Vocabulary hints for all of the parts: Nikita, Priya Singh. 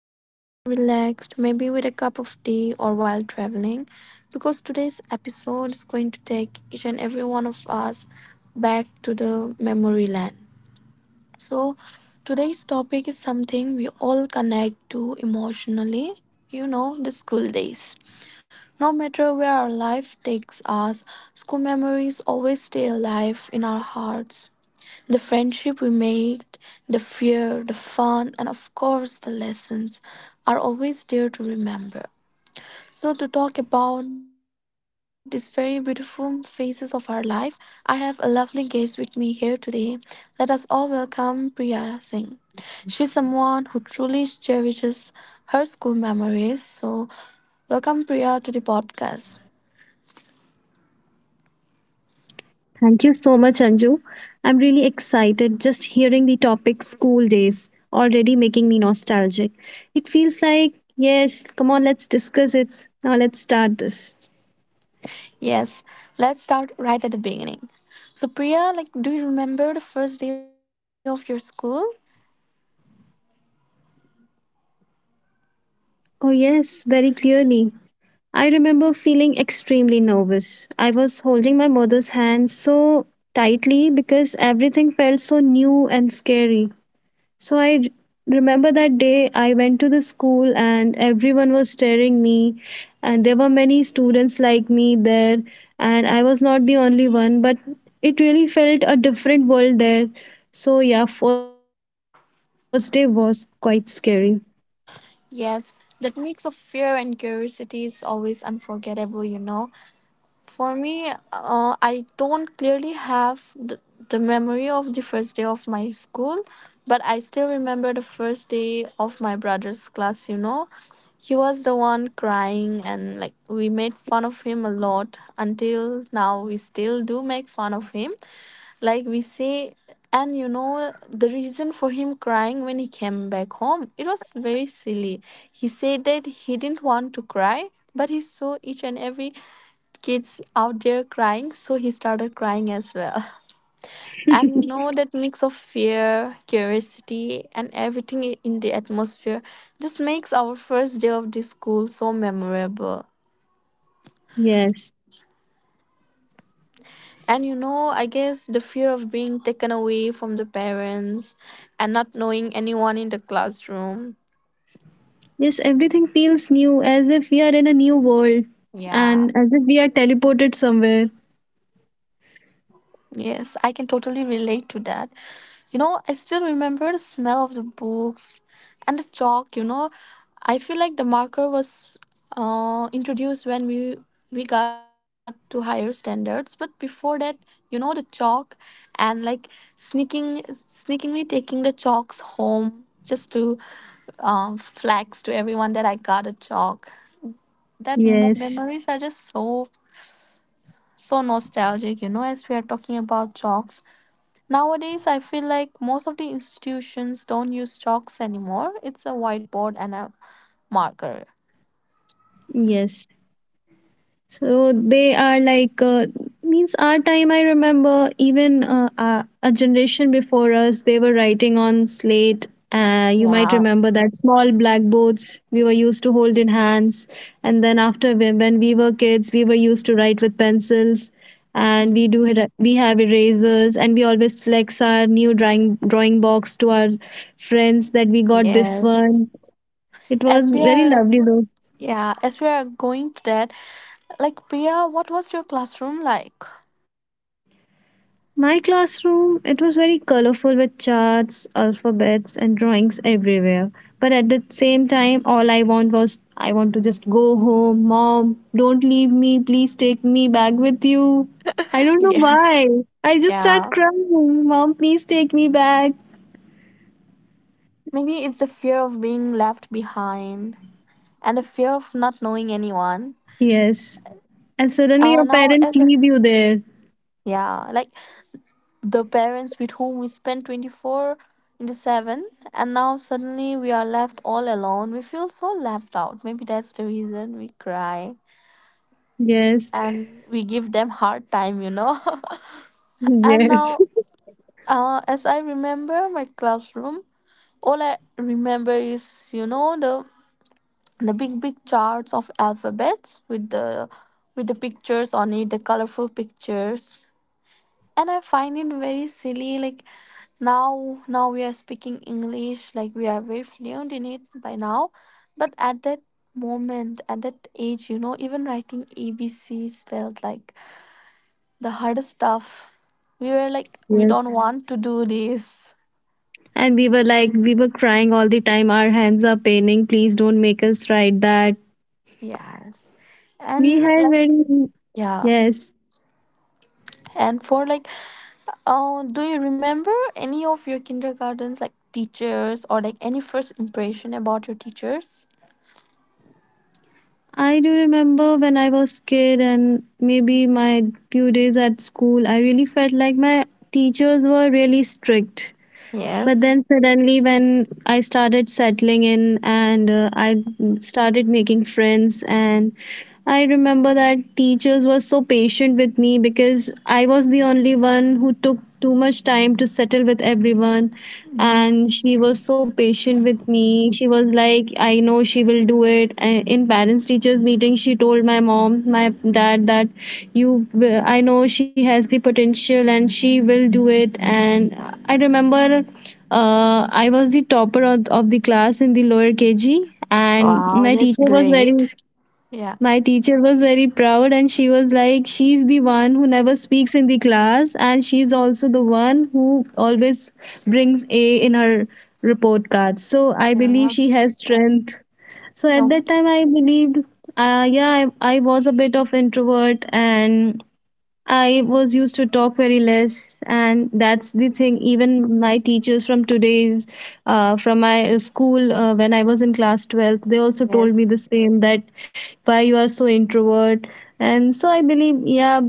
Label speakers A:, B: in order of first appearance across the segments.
A: I hope you're relaxed, maybe with a cup of tea or while traveling, because today's episode is going to take each and every one of us back to the memory lane. So, today's topic is something we all connect to emotionally, you know, the school days. No matter where our life takes us, school memories always stay alive in our hearts. The friendship we made, the fear, the fun, and of course the lessons are always there to remember. So, to talk about these very beautiful phases of our life, I have a lovely guest with me here today. Let us all welcome Priya Singh. She's someone who truly cherishes her school memories. So, welcome Priya to the podcast.
B: Thank you so much, Anju. I'm really excited just hearing the topic school days already making me nostalgic. It feels like, yes, come on, let's discuss it. Now let's start this.
A: Yes, let's start right at the beginning. So, Priya, like, do you remember the first day of your school?
B: Oh, yes, very clearly. I remember feeling extremely nervous. I was holding my mother's hand so tightly because everything felt so new and scary. So remember that day I went to the school and everyone was staring me, and there were many students like me there, and I was not the only one, but it really felt a different world there. So yeah, first day was quite scary.
A: Yes, that mix of fear and curiosity is always unforgettable, you know. For me, I don't clearly have the memory of the first day of my school, but I still remember the first day of my brother's class, you know. He was the one crying, and like we made fun of him a lot until now. We still do make fun of him. Like we say, and you know, the reason for him crying when he came back home, it was very silly. He said that he didn't want to cry, but he saw each and every kids out there crying, so he started crying as well. And you know, that mix of fear, curiosity, and everything in the atmosphere just makes our first day of the school so memorable.
B: Yes.
A: And you know, I guess the fear of being taken away from the parents and not knowing anyone in the classroom.
B: Yes, everything feels new as if we are in a new world
A: Yeah.
B: and as if we are teleported somewhere.
A: Yes, I can totally relate to that. You know, I still remember the smell of the books and the chalk, you know. I feel like the marker was introduced when we got to higher standards, but before that, you know, the chalk and like sneaking sneakingly taking the chalks home just to flex to everyone that I got a chalk. That mo-
B: Yes.
A: memories are just so nostalgic, you know, as we are talking about chalks. Nowadays, I feel like most of the institutions don't use chalks anymore. It's a whiteboard and a marker.
B: Yes. So they are like, means our time. I remember even a generation before us, they were writing on slate. You might
A: Yeah.
B: remember that small blackboards we were used to hold in hands, and then when we were kids, we were used to write with pencils, and
A: Mm.
B: we have erasers, and we always flex our new drawing box to our friends that we got this
A: Yes.
B: one. It
A: As
B: was
A: we
B: very
A: are,
B: lovely though.
A: yeah, as we are going to that, like Priya, what was your classroom like?
B: My classroom, it was very colorful with charts, alphabets and drawings everywhere. But at the same time, all I want was I want to just go home, mom, don't leave me, please take me back with you. I don't know
A: Yes.
B: why. I just start
A: Yeah.
B: crying, mom, please take me back.
A: Maybe it's the fear of being left behind and the fear of not knowing anyone.
B: Yes. And
A: Uh,
B: suddenly
A: now,
B: your
A: as a,
B: parents leave you there.
A: yeah, like the parents with whom we spend 24 into 7, and now suddenly we are left all alone. We feel so left out. Maybe that's the reason we cry
B: Yes.
A: and we give them hard time, you know. And
B: Yes.
A: now, as I remember my classroom, all I remember is, you know, the big big charts of alphabets with the pictures on it, the colorful pictures. And I find it very silly, like, now we are speaking English like we are very fluent in it by now, but at that moment, at that age, you know, even writing abcs felt like the hardest stuff. We were like, we don't
B: Yes.
A: want to do this.
B: And we were like, we were crying all the time. Our hands are paining. Please don't make us write that.
A: Yes.
B: We had
A: And like,
B: very,
A: yeah.
B: yes.
A: And for like, do you remember any of your kindergartens, like teachers, or like any first impression about your teachers?
B: I do remember when I was kid and maybe my few days at school, I really felt like my teachers were really strict. But
A: Yes.
B: then suddenly, when I started settling in and I started making friends, and I remember that teachers were so patient with me because I was the only one who took too much time to settle with everyone. And she was so patient with me. She was like, I know she will do it. And in parents teachers meeting, she told my mom, my dad, that I know she has the potential and she will do it. And I remember, I was the topper of the class in the lower KG, and
A: Wow,
B: my
A: that's
B: teacher was
A: great.
B: very
A: Yeah.
B: my teacher was very proud, and she was like, she's the one who never speaks in the class, and she's also the one who always brings A in her report card. So I believe
A: Yeah.
B: she has strength. So at
A: Oh,
B: that time, I believed, yeah, I was a bit of introvert and I was used to talk very less, and that's the thing. Even my teachers from today's, from my school, when I was in class 12th, they also told
A: yes.
B: me the same that why you are so introvert. And so I believe, yeah,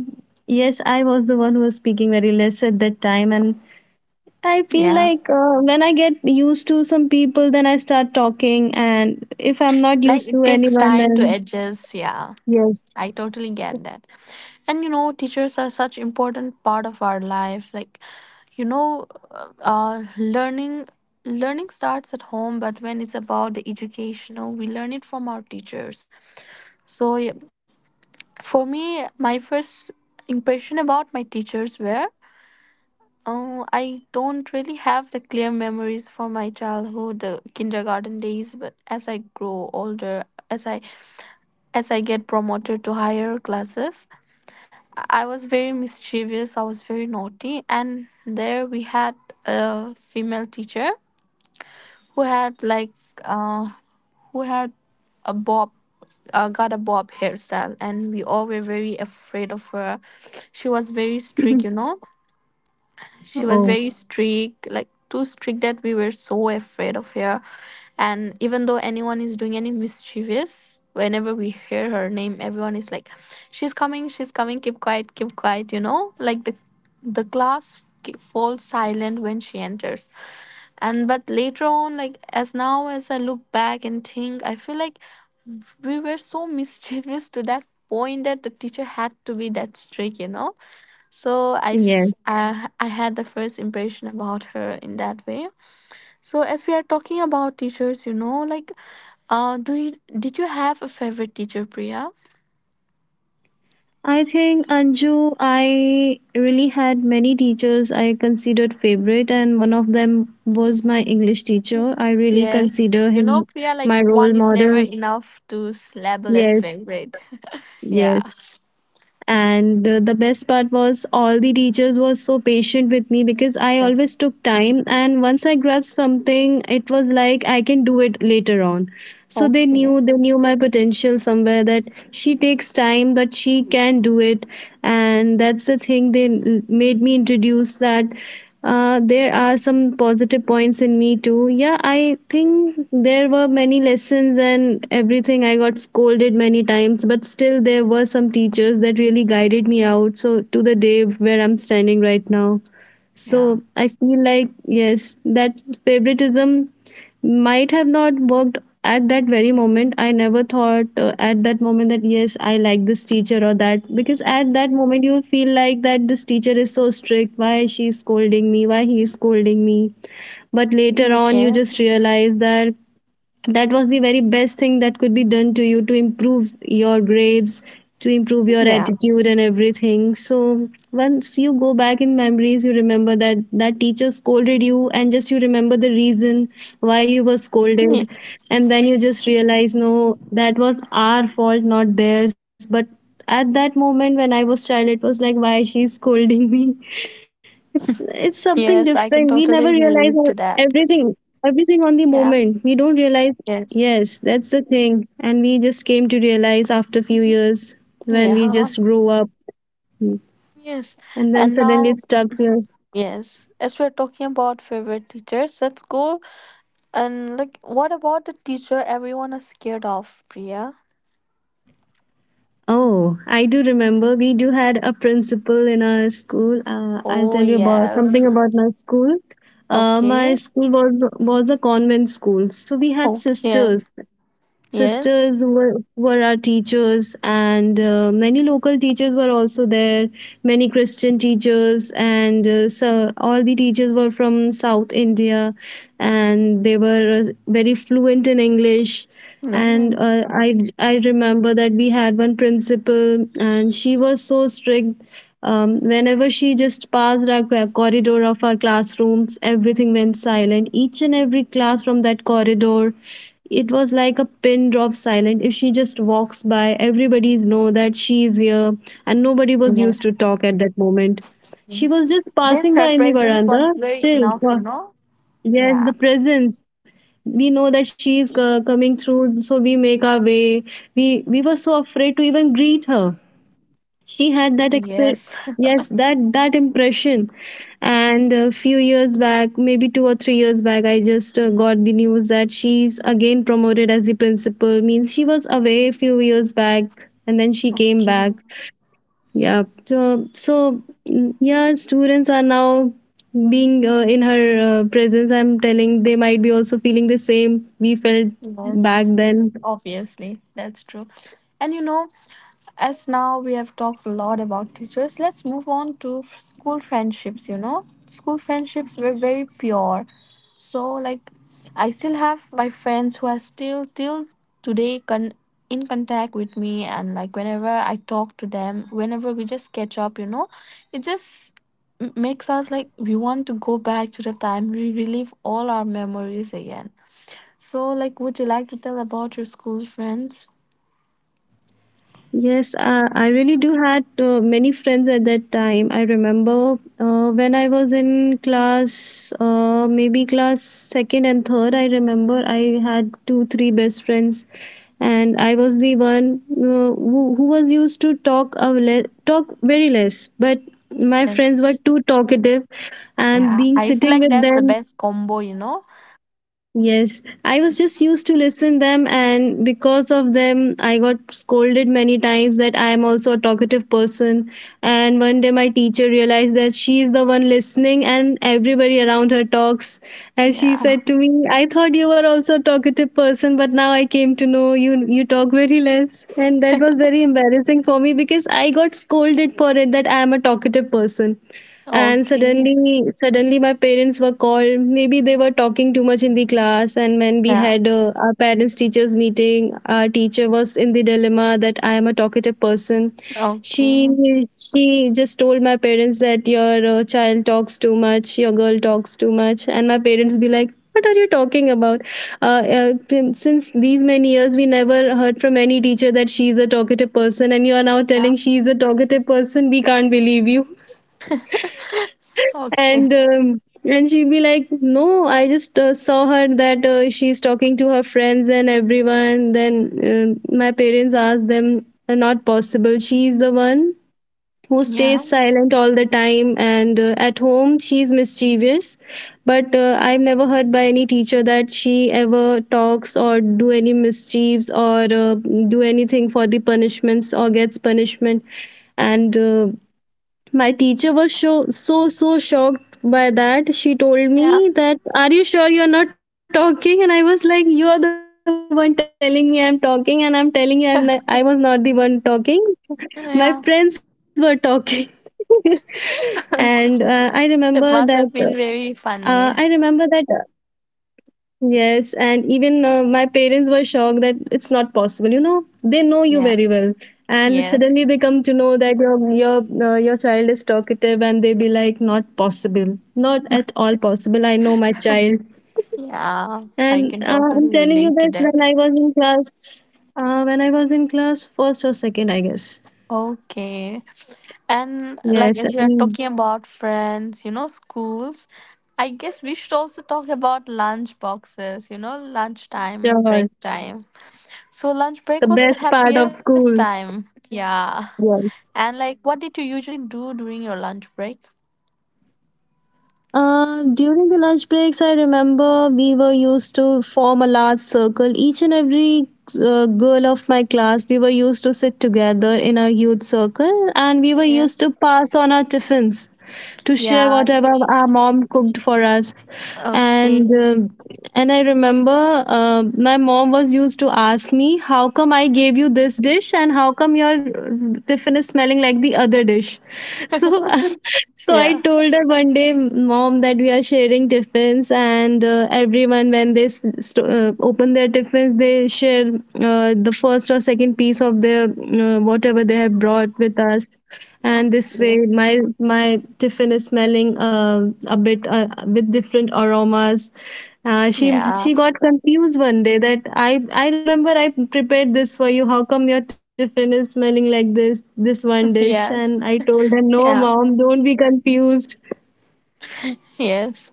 B: yes, I was the one who was speaking very less at that time. And I feel
A: Yeah.
B: like, when I get used to some people, then I start talking. And if I'm not
A: Like
B: used
A: it
B: to
A: takes
B: anyone,
A: time to
B: then
A: adjust. Yeah.
B: yes.
A: I totally get that. And you know, teachers are such important part of our life. Like, you know, uh, learning learning starts at home, but when it's about the educational, we learn it from our teachers. So, yeah, for me, my first impression about my teachers were, oh, I don't really have the clear memories for my childhood, kindergarten days, but as I grow older, as I get promoted to higher classes, I was very mischievous, I was very naughty, and there we had a female teacher who had like uh who had a bob, got a bob hairstyle, and we all were very afraid of her. She was very strict, you know. She was
B: Oh,
A: very strict, like too strict that we were so afraid of her. And even though anyone is doing any mischievous, whenever we hear her name, everyone is like, "She's coming! She's coming! Keep quiet! Keep quiet!" You know, like the class falls silent when she enters. And but later on, like as now as I look back and think, I feel like we were so mischievous to that point that the teacher had to be that strict, you know. So
B: yes.
A: I had the first impression about her in that way. So as we are talking about teachers, you know, like, do you did you have a favorite teacher, Priya?
B: I think, Anju, I really had many teachers I considered favorite, and one of them was my English teacher. I really
A: Yes,
B: consider
A: you know,
B: him
A: Priya, like
B: my role
A: one is never
B: model.
A: enough to label as
B: Yes,
A: favorite. Yeah.
B: yes. And the best part was all the teachers were so patient with me because I
A: Yes.
B: always took time, and once I grabbed something, it was like I can do it later on. So they
A: Okay.
B: knew they knew my potential somewhere that she takes time, but she can do it, and that's the thing made me introduce that, there are some positive points in me too. Yeah, I think there were many lessons and everything, I got scolded many times, but still there were some teachers that really guided me out so to the day where I'm standing right now.
A: Yeah.
B: So I feel like, yes, that favoritism might have not worked. At that very moment I never thought, at that moment, that yes, I like this teacher or that, because at that moment you feel like that this teacher is so strict, why she is scolding me, why he is scolding me.
A: Mm, yes.
B: But later on you just realize that that was the very best thing that could be done to you, to improve your grades, to
A: Yeah.
B: improve your attitude and everything. So once you go back in memories you remember that that teacher scolded you, and just you remember the reason why you were
A: Ye-
B: scolded, and then you just realize, no, that was our fault, not theirs. But at that moment when I was child it was like, why she's scolding me? It's
A: yes,
B: something
A: I can
B: different. We
A: totally
B: never
A: relate
B: realize
A: to that.
B: everything, everything on the
A: Yeah.
B: moment. We don't realize.
A: Yes.
B: Yes, that's the thing. And we just came to realize after a few years when we
A: Yeah.
B: just grow up,
A: Yes.
B: and then
A: And
B: suddenly it
A: now,
B: stuck to us.
A: yes, as we're talking about favorite teachers, let's go, and like, what about the teacher everyone is scared of, Priya?
B: Oh, I do remember. We do had a principal in our school. I'll
A: Oh,
B: tell you about
A: yes.
B: something about my school.
A: Okay.
B: My school was a convent school, so we had
A: Okay.
B: sisters,
A: Yes.
B: sisters were our teachers, and many local teachers were also there, many Christian teachers, and so all the teachers were from South India, and they were very fluent in English.
A: No,
B: And
A: yes.
B: I remember that we had one principal and she was so strict. Whenever she just passed our corridor of our classrooms, everything went silent. Each and every class from that corridor, it was like a pin drop silent. If she just walks by, everybody's know that she is here, and nobody was
A: Yes.
B: used to talk at that moment. She
A: Yes.
B: was just
A: Just
B: passing
A: her
B: by in the
A: presence was
B: veranda.
A: very
B: Still,
A: enough, you
B: wow,
A: know?
B: yes,
A: Yeah.
B: the presence. We know that she is, coming through, so we make our way. We were so afraid to even greet her. She
A: Yes.
B: had that yes, that that impression. And a few years back, maybe two or three years back, I just, got the news that she's again promoted as the principal, means she was away a few years back and then she came
A: Okay.
B: back. Yeah, so so, mm, yeah, students are now being, in her, presence, I'm telling they might be also feeling the same we felt back
A: Yes.
B: then.
A: Obviously, that's true. And you know, as now we have talked a lot about teachers, let's move on to school friendships. You know, school friendships were very pure. So like, I still have my friends who are still till today in contact with me, and like whenever I talk to them, whenever we just catch up, you know, it just makes us like we want to go back to the time, we relive all our memories again. So like, would you like to tell about your school friends?
B: Yes, I really do had, many friends at that time. I remember, when I was in class, maybe class second and third. I remember I had two, three best friends, and I was the one, who was used to talk very less. But my friends were
A: Yes.
B: too talkative, and
A: Yeah,
B: being
A: I feel
B: sitting
A: like
B: with
A: that's the
B: them,
A: best combo, you know?
B: yes, I was just used to listen them, and because of them I got scolded many times that I am also a talkative person. And one day my teacher realized that she is the one listening and everybody around her talks, and she
A: Yeah.
B: said to me, I thought you were also a talkative person, but now I came to know you, you talk very less. And that was very embarrassing for me because I got scolded for it that I am a talkative person. And
A: Okay.
B: suddenly my parents were called, maybe they were talking too much in the class, and when we
A: Yeah.
B: had, our parents teachers meeting, our teacher was in the dilemma that I am a talkative person. she
A: Okay.
B: she just told my parents that your, child talks too much, your girl talks too much. And my parents be like, what are you talking about? uh, uh, since these many years we never heard from any teacher that she's a talkative person, and you are now
A: Yeah.
B: telling she's a talkative person, we can't believe you.
A: Okay.
B: And and she'd be like, no, I just, saw her that, she's talking to her friends and everyone. Then, my parents asked them, not possible, she's the one who
A: Yeah.
B: stays silent all the time, and at home she's mischievous, but, I've never heard by any teacher that she ever talks or do any mischiefs or, do anything for the punishments or gets punishment. And my teacher was so so so shocked by that. She told me
A: Yeah.
B: that, "Are you sure you're not talking?" And I was like, "You're the one telling me I'm talking, and I'm telling you I'm not, I was not the one talking. My friends were
A: Yeah.
B: talking." and
A: That must have been
B: I
A: very
B: remember
A: funny.
B: that Yes, and even, my parents were shocked that it's not possible. You know, they know you
A: Yeah.
B: very well, and suddenly
A: Yes.
B: they come to know that your your child is talkative, and they be like, "Not possible, not at all possible." I know my child,
A: Yeah. I can
B: and
A: totally
B: I'm telling
A: relate
B: you
A: to
B: this
A: that.
B: when I was in class first or second, I guess.
A: Okay. And like
B: Yes,
A: as
B: I
A: you are
B: mean,
A: talking about friends, you know, schools, I guess we should also talk about lunch boxes, you know, lunchtime, break
B: sure.
A: time. So lunch
B: The
A: break was the
B: best part of
A: happiest
B: school.
A: time. Yeah. And
B: Yes.
A: like what did you usually do during your lunch break?
B: During the lunch breaks, I remember we were used to form a large circle. Each and every girl of my class, we were used to sit together in a huge circle and we were used
A: Yes.
B: to pass on our tiffins to share
A: Yeah.
B: whatever our mom cooked for us.
A: Okay.
B: And um and I remember my mom was used to ask me, how come I gave you this dish and how come your tiffin is smelling like the other dish? So so I
A: Yeah.
B: told her one day, mom, that we are sharing tiffins, and everyone when they open their tiffins, they share the first or second piece of their whatever they have brought with us, and this way,
A: Okay.
B: my tiffin is smelling a bit with different aromas. Uh, she
A: Yeah.
B: she got confused one day that I remember I prepared this for you. How come your tiffin is smelling like this? This one dish. And
A: Yes.
B: I told her, no,
A: Yeah.
B: mom, don't be confused.
A: Yes.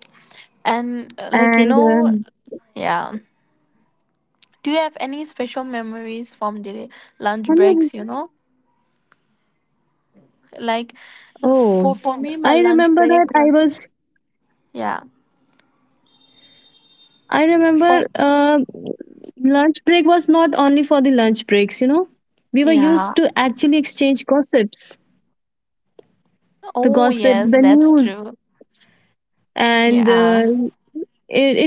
A: And like you know,
B: And
A: yeah. Do you have any special memories from the lunch
B: Can you?
A: breaks, you know? Like, for
B: Oh,
A: me my
B: I
A: lunch
B: remember
A: break
B: that
A: was,
B: I was.
A: yeah.
B: I
A: For,
B: remember lunch break was not only for the lunch breaks. You know, we
A: yeah.
B: were used to actually exchange
A: Oh yes, that's true.
B: gossips, the news,
A: Yeah.
B: and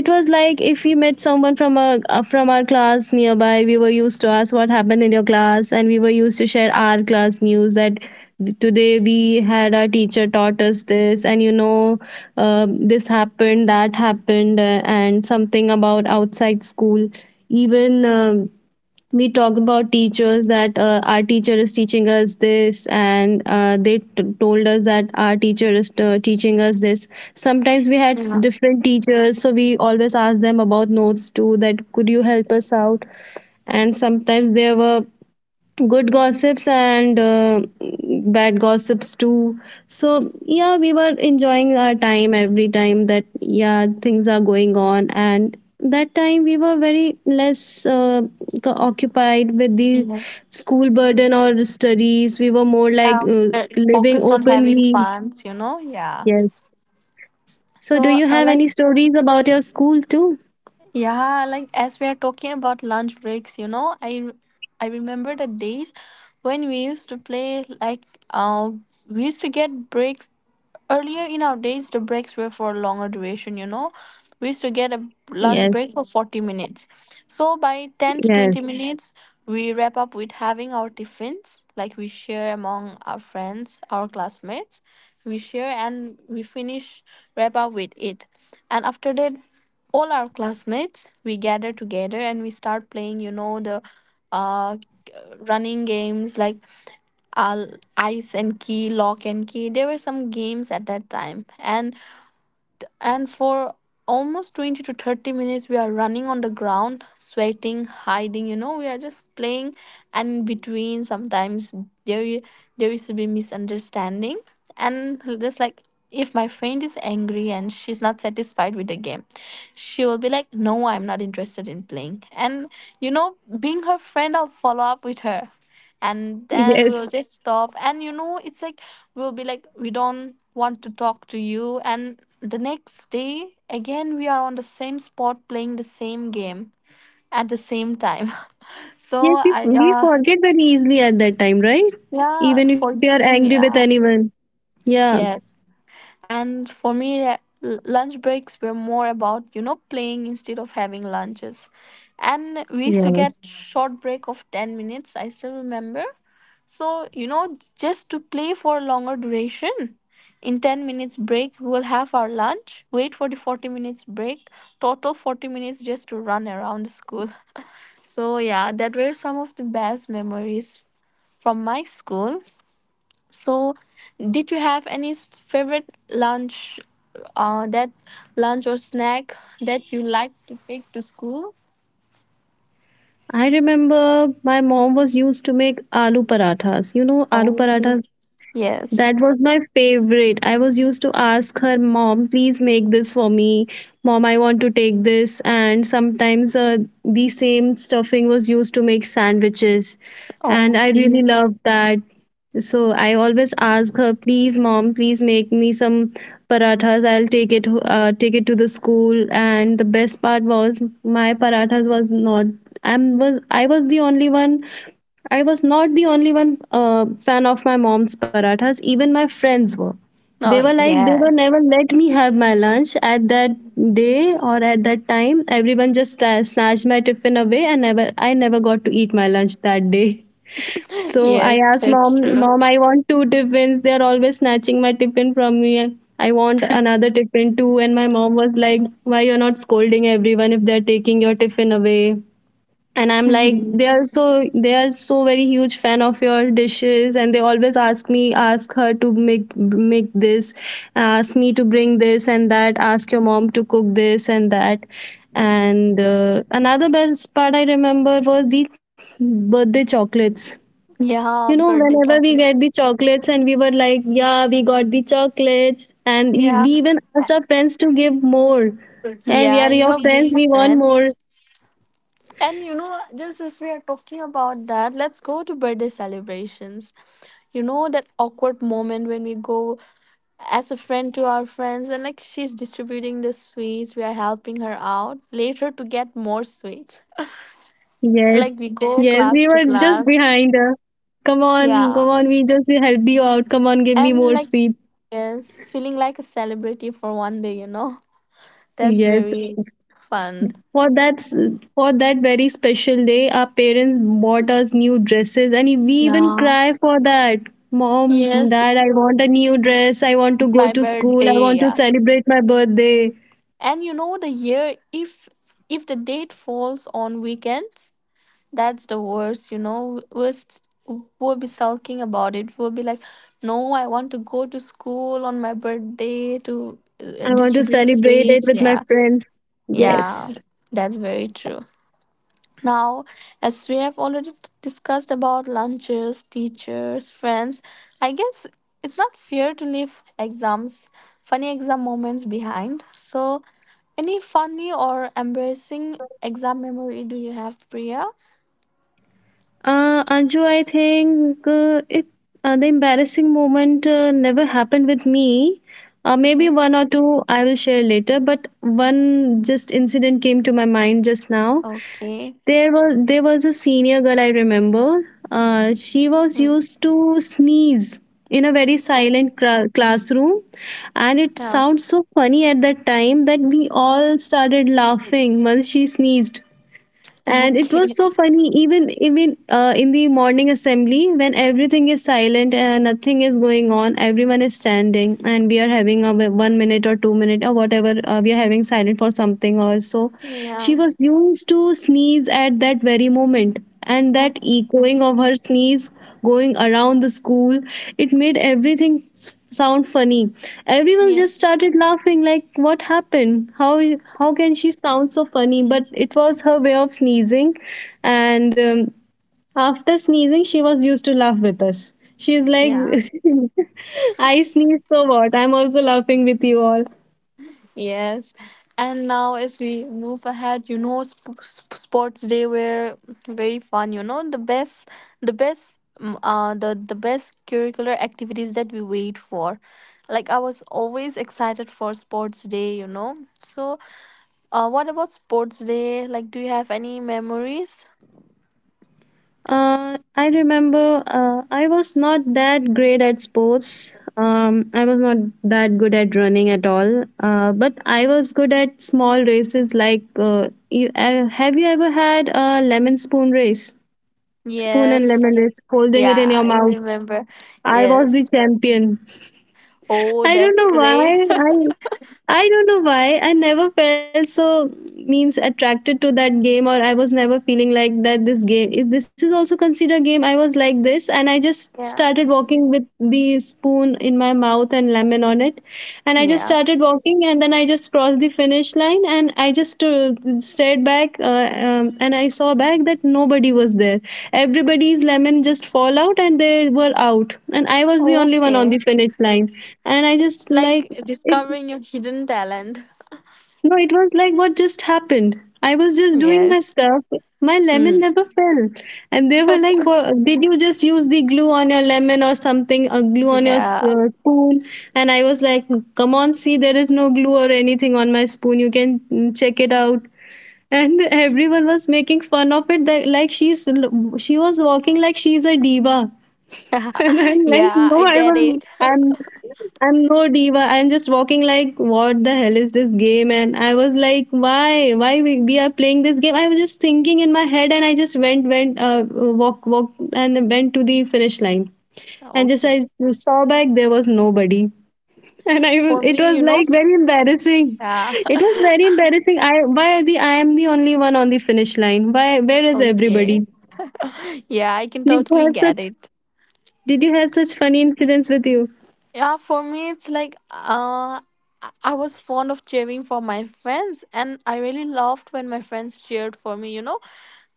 B: it was like if we met someone from our class nearby, we were used to ask what happened in your class, and we were used to share our class news, that today we had our teacher taught us this, and this happened, that happened, and something about outside school. Even we talked about teachers, that our teacher is teaching us this, and they told us that our teacher is teaching us this. Sometimes we had
A: Yeah.
B: different teachers, so we always asked them about notes too, that could you help us out. And sometimes there were good gossips and bad gossips too. So yeah, we were enjoying our time every time, that yeah, things are going on, and that time we were very less occupied with the
A: Yes.
B: school burden or studies. We were more like living
A: Focused on having
B: openly.
A: funs, you know? Yeah.
B: Yes. So do
A: So,
B: you have
A: like,
B: any stories about your school too?
A: yeah, like as we are talking about lunch breaks, you know, I remember the days when we used to play like, uh, we used to get breaks. Earlier in our days, the breaks were for longer duration, you know. We used to get a lunch break
B: Yes,
A: for 40 minutes. So by 10 to 20
B: yes,
A: Yeah. minutes, we wrap up with having our tiffins, like we share among our friends, our classmates. We share and we finish, wrap up with it. And after that, all our classmates, we gather together and we start playing, you know, the uh, running games like uh, ice and key, lock and key. There were some games at that time. And for almost 20 to 30 minutes we are running on the ground, sweating, hiding, you know, we are just playing. And in between sometimes there i- there used to be misunderstanding. And just like, if my friend is angry and she's not satisfied with the game, she will be like, no, I'm not interested in playing. And you know, being her friend, I'll follow up with her, and then
B: yes,
A: we'll just stop. And you know, it's like we'll be like, we don't want to talk to you. And the next day again we are on the same spot playing the same game at the same time. So
B: yes, we,
A: I,
B: we forget very easily at that time, right?
A: yeah,
B: Even if you are angry
A: forgiving,
B: with
A: yeah.
B: anyone. Yeah,
A: Yes. And for me, lunch breaks were more about, you know, playing instead of having lunches. And we used to
B: yes.
A: get short break of 10 minutes, I still remember. So you know, just to play for a longer duration, in 10 minutes break we'll have our lunch, wait for the 40 minutes break, total 40 minutes just to run around the school. So yeah, that were some of the best memories from my school. So, did you have any favorite lunch, that lunch or snack that you like to take to school?
B: I remember my mom was used to make aloo parathas. You know, aloo
A: Okay.
B: parathas.
A: Yes.
B: That was my favorite. I was used to ask her, mom, please make this for me. Mom, I want to take this. And sometimes the same stuffing was used to make sandwiches. And I
A: Okay.
B: really loved that. So I always ask her, please, mom, please make me some parathas. I'll take it to the school. And the best part was my parathas was not. I was the only one. I was not the only one fan of my mom's parathas. Even my friends were. They
A: Oh,
B: were like they were
A: yes.
B: never let me have my lunch at that day or at that time. Everyone just snatched my tiffin away, and never I never got to eat my lunch that day. So I
A: Yes,
B: asked
A: that's
B: mom,
A: true.
B: mom, I want two tiffins. They're always snatching my tiffin from me. And I want another tiffin too. And my mom was like, why you're not scolding everyone if they're taking your tiffin away? And I'm like,
A: Mhm.
B: they are so very huge fan of your dishes, and they always ask me, ask her to make this, ask me to bring this and that, ask your mom to cook this and that. And another best part I remember was the birthday chocolates, you
A: Yeah,
B: know,
A: birthday
B: whenever we get
A: chocolates.
B: the chocolates and we were like, yeah, we got the chocolates. And we,
A: Yeah.
B: we even asked our friends to give more. And we
A: Yeah,
B: are
A: you
B: your
A: know,
B: friends,
A: being
B: we want
A: friends.
B: more.
A: And you know, just as we are talking about that, let's go to birthday celebrations. You know, that awkward moment when we go as a friend to our friends and like she's distributing the sweets, we are helping her out later to get more sweets
B: Yes,
A: like we go. Yes.
B: yes,
A: Class
B: we
A: to
B: were just
A: class.
B: behind her. Come on, come
A: Yeah.
B: on, we just help you out. Come on, give me
A: And
B: more
A: like
B: sweet.
A: yes, feeling like a celebrity for one day, you know, that's
B: Yes.
A: very fun.
B: For that, for that very special day, our parents bought us new dresses, and we even
A: Yeah,
B: cry for that. Mom,
A: yes,
B: dad, I want a new dress. I want to
A: it's
B: go
A: my
B: to school. I
A: birthday.
B: want to
A: Yeah,
B: celebrate my birthday.
A: and you know the year if the date falls on weekends, that's the worst, you know. We'll be sulking about it. We'll be like, no, I want to go to school on my birthday to
B: I want to
A: distribute
B: celebrate it
A: sweets.
B: with my
A: Yeah,
B: friends.
A: yeah,
B: Yes.
A: that's very true. Now, as we have already discussed about lunches, teachers, friends, I guess it's not fair to leave exams, funny exam moments behind. So, any funny or embarrassing exam memory do you have, Priya?
B: Anju, I think it the embarrassing moment never happened with me. Maybe
A: Yes.
B: one or two I will share later, but one just incident came to my mind just now.
A: Okay.
B: There was a senior girl I remember. She was
A: Mm.
B: used to sneeze in a very silent
A: Oh,
B: classroom, and it
A: yeah.
B: sounds so funny at that time that we all started laughing once she sneezed. And it was
A: Okay.
B: so funny, even in the morning assembly when everything is silent and nothing is going on, everyone is standing and we are having a 1 minute or 2 minute or whatever we are having silent for something or so, she
A: Yeah.
B: was used to sneeze at that very moment, and that
A: Okay.
B: echoing of her sneeze going around the school. It made everything sound funny. Everyone just
A: Yes.
B: started laughing, like, what happened? How can she sound so funny? But it was her way of sneezing. And after sneezing she was used to laugh with us. She's like
A: Yeah.
B: I sneeze, so what? I'm also laughing with you all.
A: Yes. And now, as we move ahead, you know, sports day were very fun. You know, the best, the best curricular activities that we wait for. Like I was always excited for sports day. You know. So, what about sports day? Like, do you have any memories?
B: I remember I was not that great at sports. I was not that good at running at all. But I was good at small races, like have you ever had a lemon spoon race? Spoon and lemon
A: Yes.
B: race, holding it in
A: Yeah,
B: your
A: I
B: mouth.
A: remember.
B: I was the
A: Yes.
B: champion.
A: Oh,
B: I don't
A: that's
B: know why.
A: great.
B: I don't know why. I never felt so, means, attracted to that game, or I was never feeling like that. This game, if this is also considered game. I was like this, and I just
A: Yeah.
B: started walking with the spoon in my mouth and lemon on it, and I just
A: Yeah.
B: started walking, and then I just crossed the finish line, and I just stared back. And I saw back that nobody was there. Everybody's lemon just fall out and they were out, and I was the only one on
A: Okay.
B: the finish line. And I just
A: It's
B: like
A: like
B: it.
A: discovering your hidden talent.
B: No, it was like, what just happened? I was just doing my
A: Yes.
B: stuff. My lemon
A: Mm.
B: never fell. And they were like, "Wha- did you just use the glue on your lemon or something, or glue on your
A: Yeah.
B: spoon?" And I was like, come on, see, there is no glue or anything on my spoon. You can check it out. And everyone was making fun of it, that, like, she was walking like she's a diva. And I'm like,
A: yeah,
B: no,
A: I
B: I'm
A: get
B: a,
A: it.
B: I'm I'm no diva. I'm just walking like, what the hell is this game? And I was like, why we are playing this game? I was just thinking in my head, and I just went, walk, and went to the finish line. And just I
A: Okay.
B: saw back, there was nobody. And I was,
A: For
B: it
A: me,
B: was like very embarrassing.
A: yeah.
B: It was very embarrassing. I am the only one on the finish line. Why, where is
A: okay.
B: everybody?
A: Yeah, I can
B: Did you
A: totally
B: have
A: get
B: such?
A: it.
B: Did you have such funny incidents with you?
A: Yeah, for me, it's like uh, I was fond of cheering for my friends, and I really loved when my friends cheered for me. You know,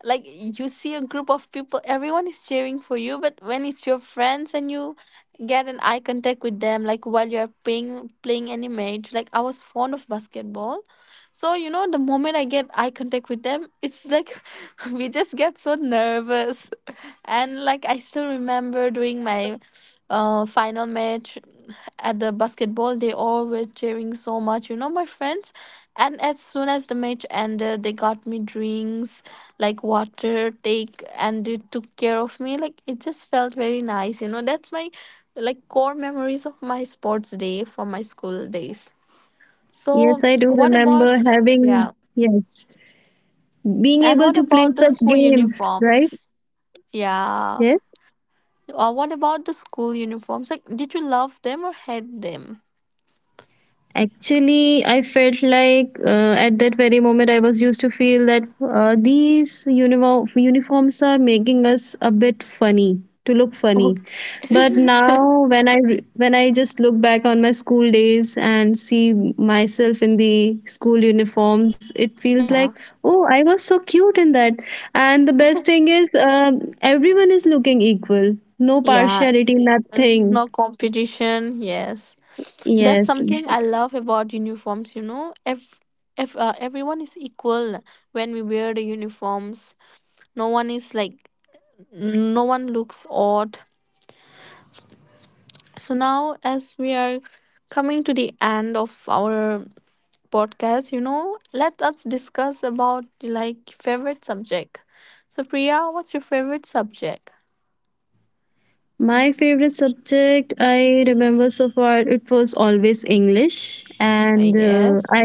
A: like you see a group of people, everyone is cheering for you, but when it's your friends and you get an eye contact with them, like while you are playing any match, like I was fond of basketball. So, you know, the moment I get eye contact with them, it's like we just get so nervous. And like I still remember doing my final match at the basketball, they all were cheering so much, you know, my friends. And as soon as the match ended, they got me drinks, like water, take, and they took care of me. Like it just felt very nice, you know. That's my like core memories of my sports day from my school days.
B: Yes,
A: So
B: I do
A: what
B: remember
A: about,
B: having,
A: yeah?
B: yes, being
A: And
B: able
A: what
B: to play
A: about the
B: such
A: school
B: games, right?
A: uniforms? Yeah.
B: Yes.
A: What about the school uniforms? Like, did you love them or hate them?
B: Actually, I felt like at that very moment I was used to feel that these uniforms are making us a bit funny to look funny.
A: Okay.
B: But now when I when I just look back on my school days and see myself in the school uniforms, it feels like,
A: yeah.
B: oh, I was so cute in that. And the best thing is, um, everyone is looking equal, no
A: Yeah.
B: partiality,
A: And
B: nothing.
A: no competition. Yes. That's
B: Yes.
A: something I love about uniforms, you know. If everyone is equal when we wear the uniforms, no one is like no one looks odd. So now as we are coming to the end of our podcast, you know, let us discuss about like favorite subject. So Priya, what's your favorite subject?
B: My favorite subject I remember so far, it was always English, and uh,
A: Yes.
B: I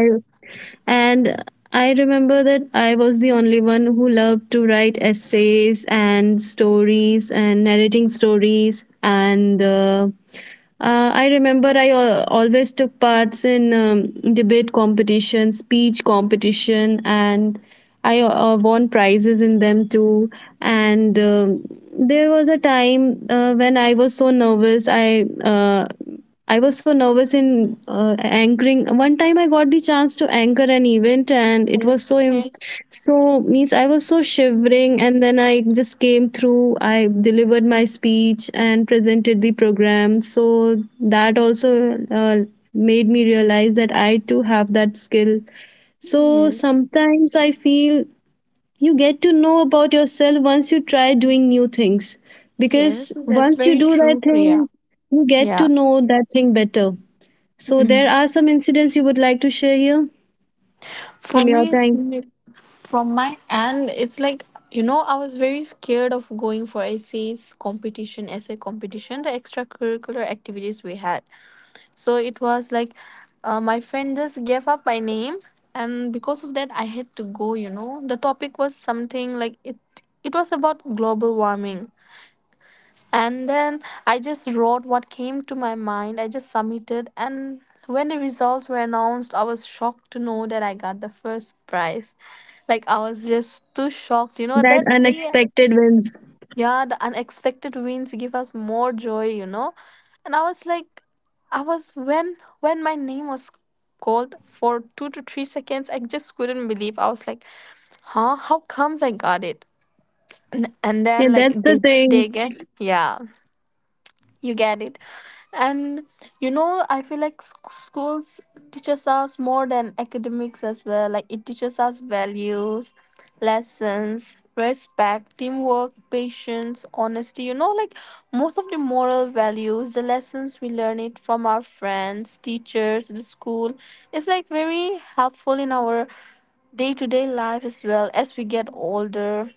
B: and I remember that I was the only one who loved to write essays and stories and narrating stories, and I remember I always took parts in debate competition, speech competition, and I won prizes in them too. And There was a time when I was so nervous, I was so nervous in anchoring. One time I got the chance to anchor an event, and it was
A: Okay.
B: so means I was so shivering, and then I just came through. I delivered my speech and presented the program. So that also uh, made me realize that I too have that skill. So
A: Yes.
B: sometimes I feel you get to know about yourself once you try doing new things, because
A: Yes, that's
B: once you
A: very
B: do that
A: true, Priya.
B: thing you get to
A: Yeah.
B: know that thing better. So there
A: Mm.
B: are some incidents you would like to share here
A: For
B: from your
A: me, it's
B: time?
A: like from my end, it's like, you know, I was very scared of going for essays competition, essay competition, the extracurricular activities we had. So it was like my friend just gave up my name, and because of that, I had to go. You know, the topic was something like it. It was about global warming, and then I just wrote what came to my mind. I just submitted, and when the results were announced, I was shocked to know that I got the first prize. Like I was just too shocked. You know
B: That
A: that day,
B: unexpected wins,
A: yeah, the unexpected wins give us more joy, you know. And I was like, I was when my name was called for 2 to 3 seconds, I just couldn't believe. I was like, huh? How comes I got it? And
B: yeah,
A: then like
B: that's the
A: did
B: thing.
A: they get? Yeah, you get it. And you know, I feel like schools teaches us more than academics as well. Like it teaches us values, lessons, respect, teamwork, patience, honesty. You know, like most of the moral values, the lessons we learn it from our friends, teachers, the school. It's like very helpful in our day to day life as well as we get older.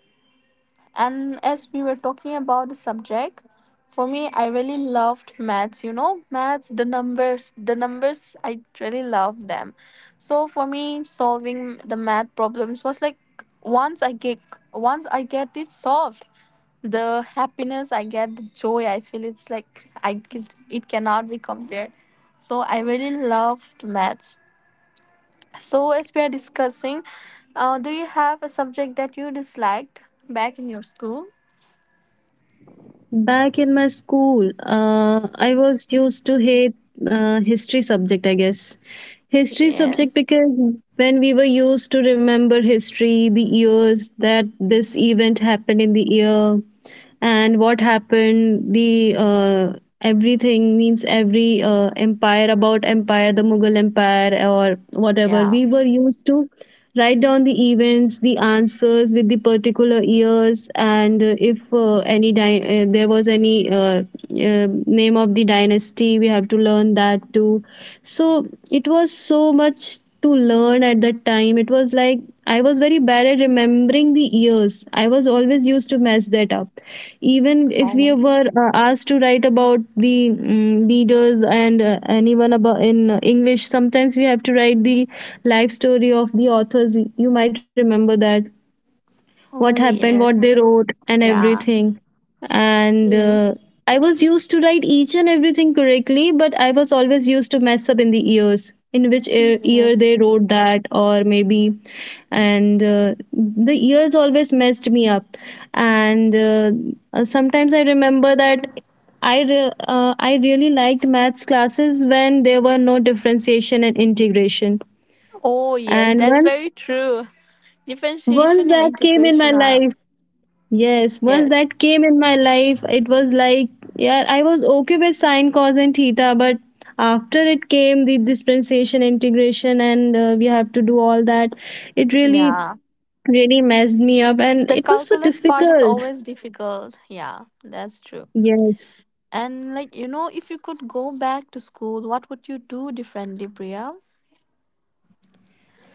A: And as we were talking about the subject, for me, I really loved maths. You know, maths, the numbers, I really loved them. So for me, solving the math problems was like once I get once I get it solved, the happiness I get, the joy I feel, it's like I can, it cannot be compared. So I really loved maths. So as we are discussing, do you have a subject that you disliked back in your school?
B: Back in my school, I was used to hate history subject, I guess. History subject,
A: Yes.
B: because when we were used to remember history, the years that this event happened in the year, and what happened, the everything means every empire, about empire, the Mughal Empire, or whatever
A: Yeah.
B: we were used to write down the events, the answers, with the particular years. And if there was any uh, name of the dynasty, we have to learn that too. So it was so much to learn at that time. It was like I was very bad at remembering the years. I was always used to mess that up. Even if we
A: Oh.
B: were asked to write about the leaders and anyone about in English, sometimes we have to write the life story of the authors. You might remember that, what
A: Oh
B: happened, what they
A: yes.
B: wrote, and
A: Yeah.
B: everything. And
A: Yes.
B: I was used to write each and everything correctly, but I was always used to mess up in the years, in which e-, ear, year
A: Yes.
B: they wrote that, or maybe. And the years always messed me up. And sometimes I remember that. I really liked maths classes when there were no differentiation and integration.
A: Oh yes.
B: And
A: That's
B: once
A: very true.
B: once
A: Differentiation and
B: that came in my
A: integration are
B: life, yes, once
A: yes.
B: that came in my life, it was like, yeah, I was okay with sine, cos, and theta, but after it came the differentiation, integration, and we have to do all that, it really,
A: Yeah.
B: really messed me up, and
A: The
B: it was so
A: calculus part is
B: difficult.
A: always difficult. Yeah, that's true.
B: Yes.
A: And like you know, if you could go back to school, what would you do differently, Priya?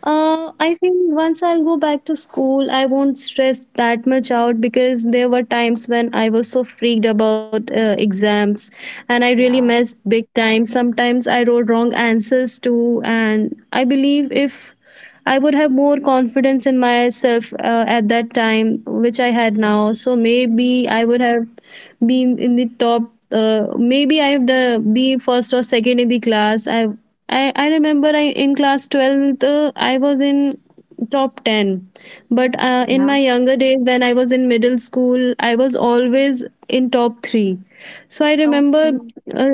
B: I think once I'll go back to school, I won't stress that much out, because there were times when I was so freaked about exams and I really
A: Yeah.
B: messed big time. Sometimes I wrote wrong answers too, and I believe if I would have more confidence in myself at that time, which I had
A: And.
B: now, so maybe I would have been in the top. Maybe I have the be first or second in the class. I remember I in class 12th I was in top 10, but in my
A: Yeah.
B: younger days when I was in middle school, I was always in top 3. So I remember,
A: Okay.
B: uh,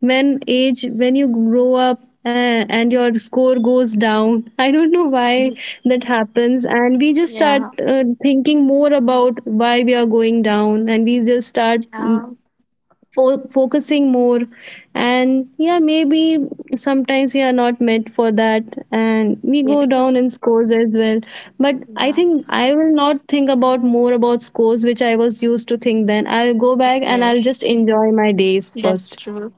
B: when age, when you grow up, and your score goes down, I don't know why
A: Mm,
B: that happens, and we just start
A: yeah.
B: thinking more about why we are going down, and we just start
A: Yeah.
B: focusing more. And yeah, maybe sometimes we are not meant for that, and we go down
A: Yes.
B: in scores as well. But I
A: Yeah.
B: think I will not think about more about scores which I was used to think. Then I'll go back and I'll
A: Yes.
B: just enjoy my days
A: That's
B: first.
A: true.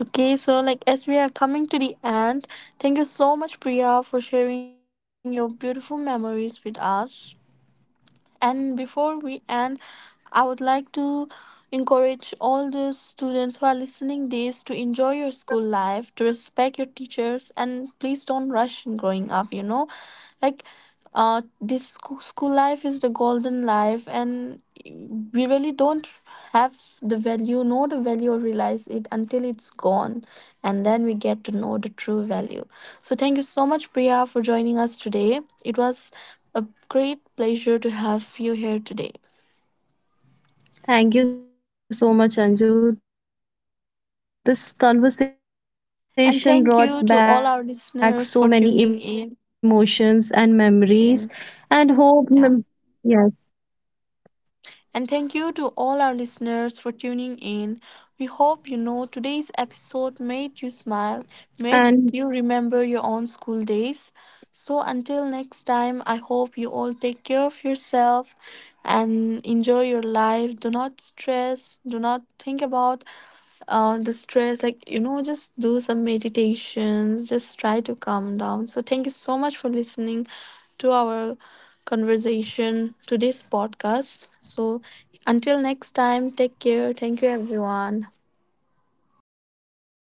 A: Okay, so like as we are coming to the end, thank you so much, Priya, for sharing your beautiful memories with us. And before we end, I would like to encourage all the students who are listening this to enjoy your school life, to respect your teachers, and please don't rush in growing up, you know? Like, this school life is the golden life, and we really don't have the value, know the value, or realize it until it's gone, and then we get to know the true value. So, thank you so much, Priya, for joining us today. It was a great pleasure to have you here today.
B: Thank you so much,
A: And
B: Anju.
A: thank
B: This
A: you to all our
B: conversation
A: listeners
B: brought
A: for
B: back
A: tuning
B: so
A: in.
B: many emotions and memories.
A: Yes,
B: And hope,
A: yeah.
B: yes,
A: And thank you to all our listeners for tuning in. We hope you know today's episode made you
B: and
A: smile, made you remember your own school days. So until next time, I hope you all take care of yourself and enjoy your life. Do not stress, do not think about the stress like you know just do some meditations just try to calm down so thank you so much for listening to our conversation today's podcast so until next time take care thank you everyone